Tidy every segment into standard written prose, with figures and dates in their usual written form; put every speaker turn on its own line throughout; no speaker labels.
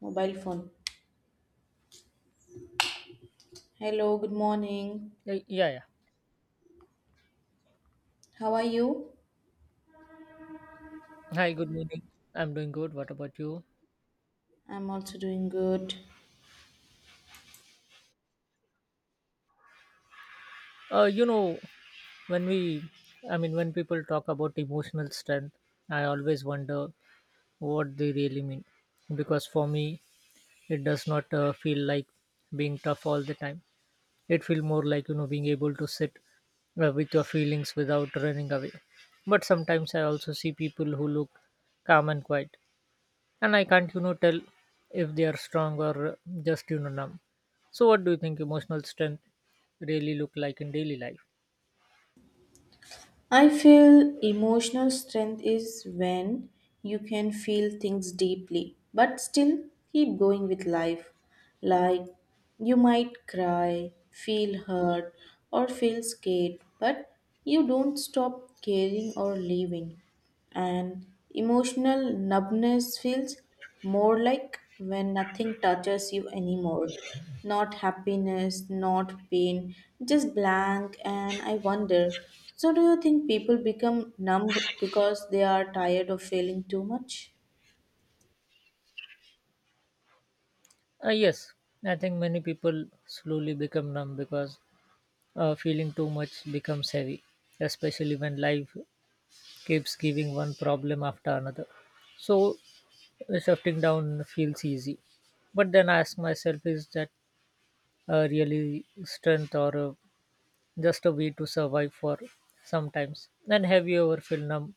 Mobile phone. Hello, good morning.
Yeah, yeah.
How are you?
Hi, good morning. I'm doing good. What about you?
I'm also doing good.
Uh, you know, when we, I mean, When people talk about emotional strength, I always wonder what they really mean. Because for me, it does not feel like being tough all the time. It feels more like, you know, being able to sit with your feelings without running away. But sometimes I also see people who look calm and quiet, and I can't tell if they are strong or just numb. So what do you think emotional strength really look like in daily life?
I feel emotional strength is when you can feel things deeply, but still keep going with life. Like you might cry, feel hurt, or feel scared, but you don't stop caring or living. And emotional numbness feels more like when nothing touches you anymore, not happiness, not pain, just blank. And I wonder, so do you think people become numb because they are tired of feeling too much?
Yes, I think many people slowly become numb because feeling too much becomes heavy, especially when life keeps giving one problem after another. So shifting down feels easy, but then I ask myself, is that really strength or just a way to survive for sometimes? And have you ever felt numb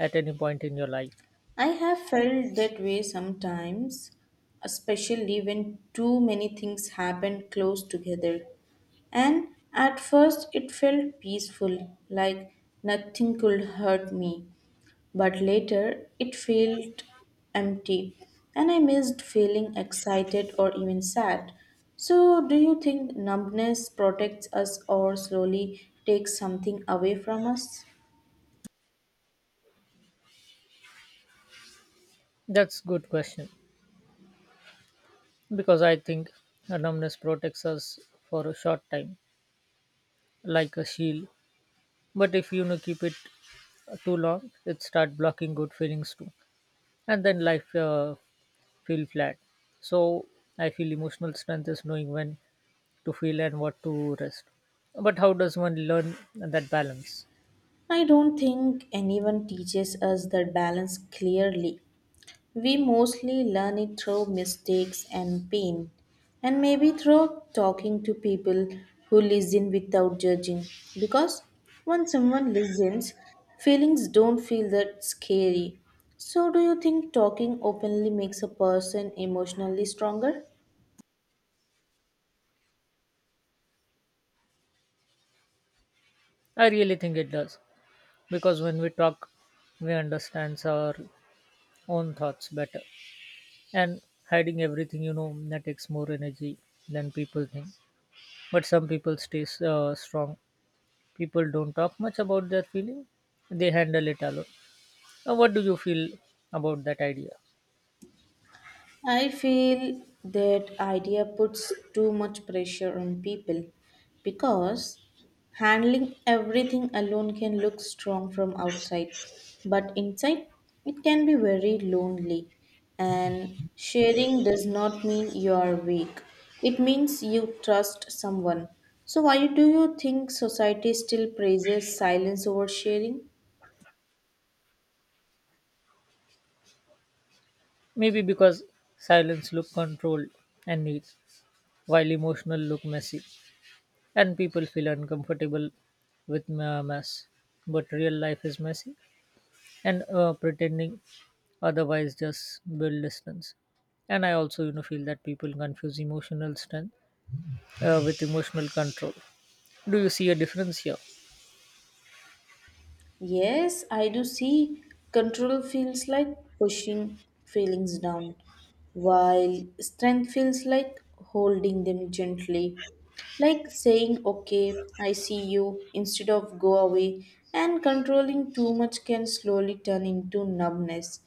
at any point in your life?
I have felt that way sometimes, especially when too many things happen close together. And at first it felt peaceful, like nothing could hurt me. But later it felt empty, and I missed feeling excited or even sad. So, do you think numbness protects us or slowly takes something away from us?
That's good question, because I think a numbness protects us for a short time, like a shield. But if keep it too long, it start blocking good feelings too, and then life feel flat. So I feel emotional strength is knowing when to feel and what to rest. But how does one learn that balance?
I don't think anyone teaches us that balance clearly. We mostly learn it through mistakes and pain, and maybe through talking to people who listen without judging. Because when someone listens, feelings don't feel that scary. So, do you think talking openly makes a person emotionally stronger?
I really think it does, because when we talk we understand our own thoughts better. And hiding everything, that takes more energy than people think. But some people stay strong, people don't talk much about their feeling, they handle it alone. Now, what do you feel about that idea?
I feel that idea puts too much pressure on people because handling everything alone can look strong from outside, but inside it can be very lonely. And sharing does not mean you are weak, it means you trust someone. So, why do you think society still praises silence over sharing?
Maybe because silence look controlled and neat, while emotional look messy and people feel uncomfortable with mess. But real life is messy, and pretending otherwise just build distance. And I also feel that people confuse emotional strength with emotional control. Do you see a difference here?
Yes, I do see. Control feels like pushing feelings down, while strength feels like holding them gently. Like saying, okay, I see you, instead of go away, and controlling too much can slowly turn into numbness.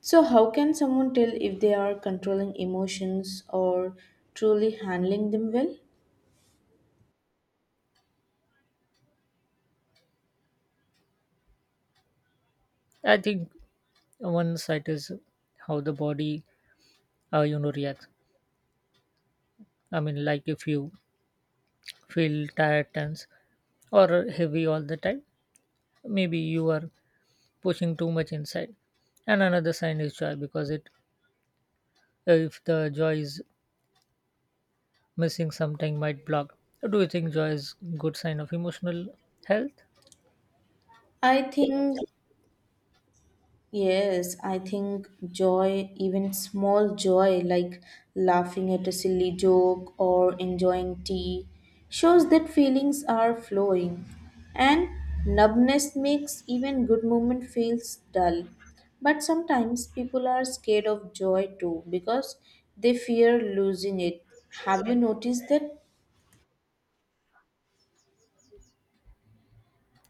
So, how can someone tell if they are controlling emotions or truly handling them well?
I think one side is how the body reacts. Like, if you feel tired, tense or heavy all the time, maybe you are pushing too much inside. And another sign is joy, because it if the joy is missing, something might block. Do you think joy is good sign of emotional health?
I think Yes, I think joy, even small joy like laughing at a silly joke or enjoying tea, shows that feelings are flowing. And numbness makes even good moment feels dull. But sometimes people are scared of joy too because they fear losing it. Have you noticed that?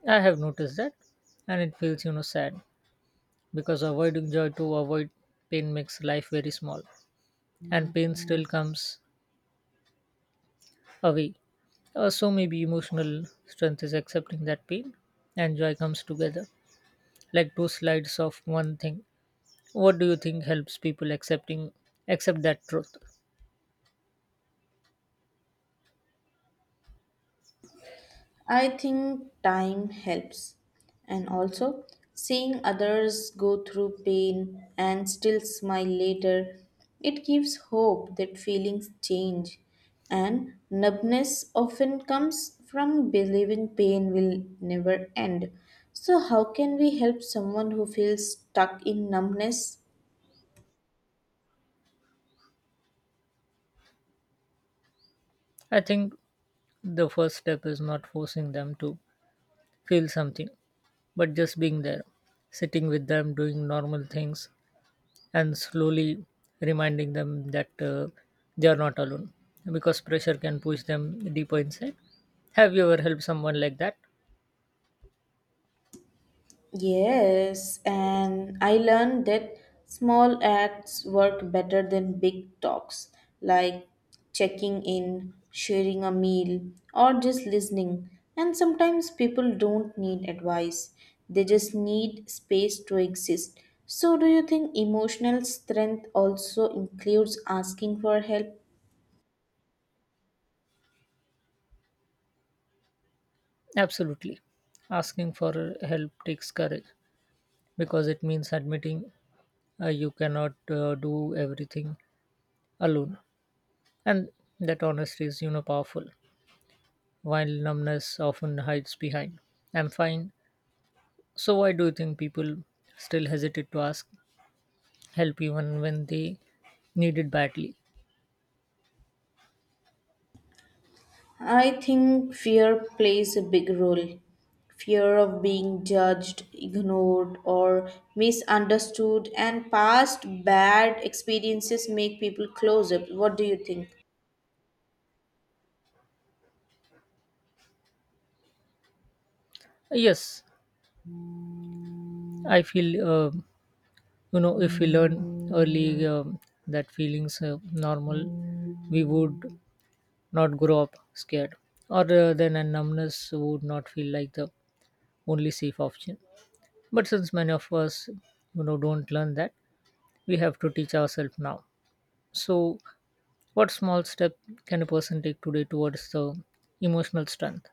I have noticed that, and it feels, you know, sad because avoiding joy to avoid pain makes life very small, and pain still comes away. So maybe emotional strength is accepting that pain and joy comes together, like two sides of one thing. What do you think helps people accept that truth?
I think time helps, and also seeing others go through pain and still smile later, it gives hope that feelings change. And numbness often comes from believing pain will never end. So, how can we help someone who feels stuck in numbness?
I think the first step is not forcing them to feel something, but just being there, sitting with them, doing normal things, and slowly reminding them that they are not alone, because pressure can push them deeper inside. Have you ever helped someone like that?
Yes, and I learned that small acts work better than big talks, like checking in, sharing a meal, or just listening. And sometimes people don't need advice, they just need space to exist. So, do you think emotional strength also includes asking for help?
Absolutely. Asking for help takes courage because it means admitting you cannot do everything alone. And that honesty is, you know, powerful, while numbness often hides behind "I'm fine." So, why do you think people still hesitate to ask help even when they need it badly?
I think fear plays a big role. Fear of being judged, ignored, or misunderstood, and past bad experiences make people closer. What do you think?
Yes, I feel, if we learn early that feelings are normal, we would not grow up scared, or then a numbness would not feel like the only safe option. But since many of us, don't learn that, we have to teach ourselves now. So, what small step can a person take today towards the emotional strength?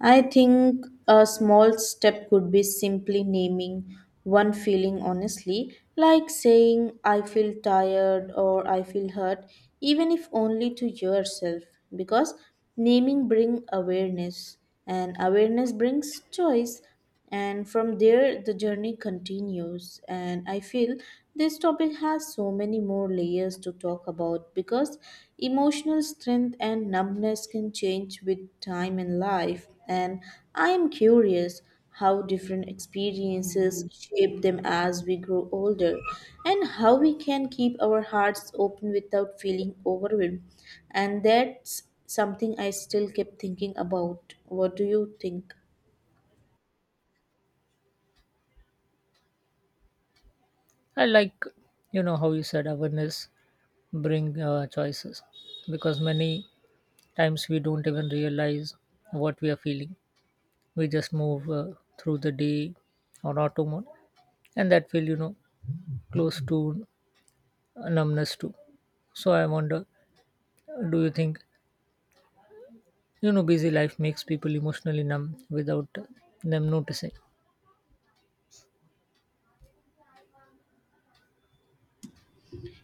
I think a small step could be simply naming one feeling honestly, like saying, I feel tired or I feel hurt, even if only to yourself, because naming brings awareness and awareness brings choice, and from there the journey continues. And I feel this topic has so many more layers to talk about because emotional strength and numbness can change with time and life, and I am curious how different experiences shape them as we grow older and how we can keep our hearts open without feeling overwhelmed. And that's something I still keep thinking about. What do you think?
I like, you know, how you said awareness bring choices, because many times we don't even realize what we are feeling. We just move through the day on auto mode, and that feel, close to numbness too. So I wonder, do you think busy life makes people emotionally numb without them noticing?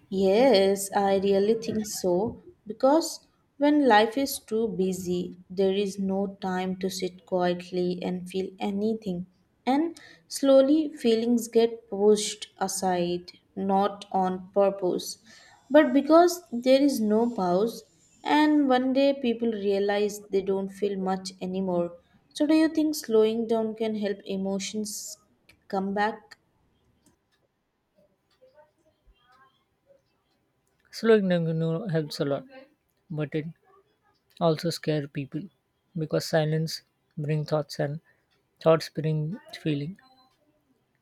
Yes, I really think so. Because when life is too busy, there is no time to sit quietly and feel anything. And slowly, feelings get pushed aside, not on purpose, but because there is no pause. And one day, people realize they don't feel much anymore. So, do you think slowing down can help emotions come back?
Slowing down, helps a lot, but it also scares people because silence bring thoughts, and thoughts bring feeling,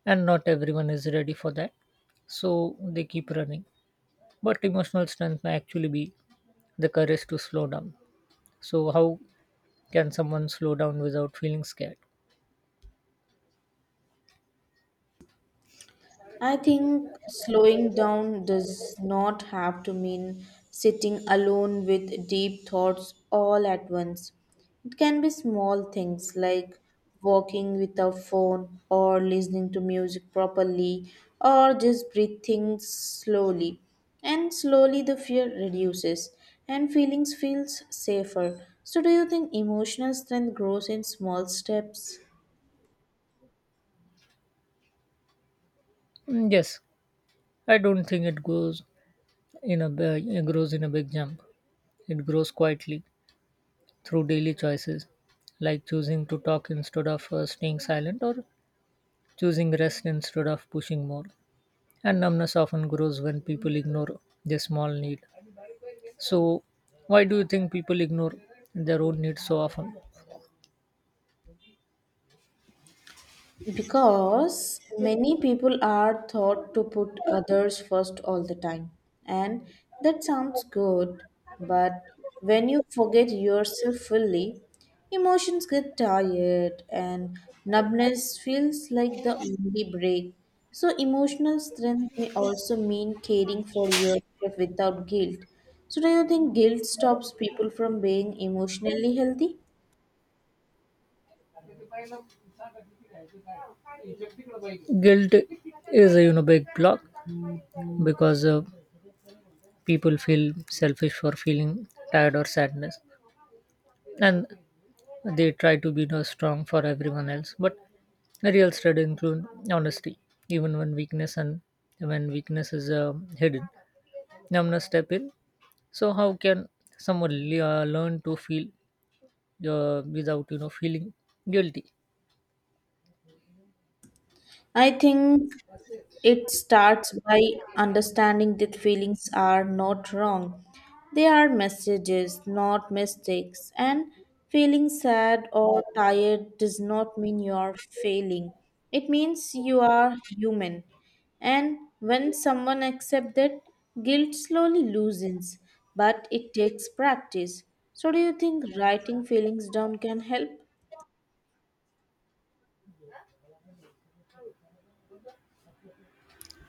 and not everyone is ready for that, so they keep running. But emotional strength may actually be the courage to slow down. So, how can someone slow down without feeling scared?
I think slowing down does not have to mean sitting alone with deep thoughts all at once. It can be small things like walking without phone or listening to music properly or just breathing slowly. And slowly the fear reduces and feelings feels safer. So do you think emotional strength grows in small steps?
Mm, yes, I don't think it grows it grows in a big jump. It grows quietly through daily choices, like choosing to talk instead of staying silent, or choosing rest instead of pushing more. And numbness often grows when people ignore their small need. So, why do you think people ignore their own needs so often?
Because many people are taught to put others first all the time. And that sounds good, but when you forget yourself fully, emotions get tired and numbness feels like the only break. So, emotional strength may also mean caring for yourself without guilt. So, do you think guilt stops people from being emotionally healthy?
Guilt is a, big block, because people feel selfish for feeling tired or sadness. And they try to be, you know, strong for everyone else, but a real strength include honesty even when weakness and when weakness is hidden. Now I'm gonna step in. So how can someone learn to feel without, feeling guilty?
I think It starts by understanding that feelings are not wrong. They are messages, not mistakes. And feeling sad or tired does not mean you are failing. It means you are human. And when someone accepts that, guilt slowly loosens, but it takes practice. So, do you think writing feelings down can help?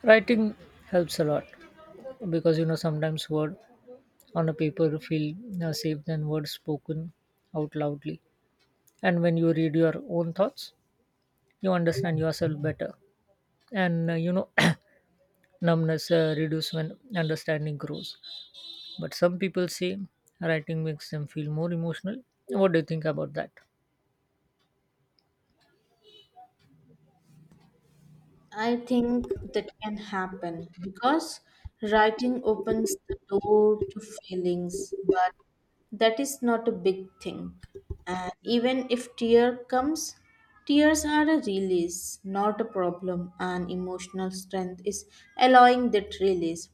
Writing helps a lot, because, you know, sometimes word on a paper feel safe than words spoken out loudly. And when you read your own thoughts, you understand yourself better. And numbness reduces when understanding grows. But some people say writing makes them feel more emotional. What do you think about that?
I think that can happen because writing opens the door to feelings, but that is not a big thing. And even if tear comes, tears are a release, not a problem, and emotional strength is allowing that release,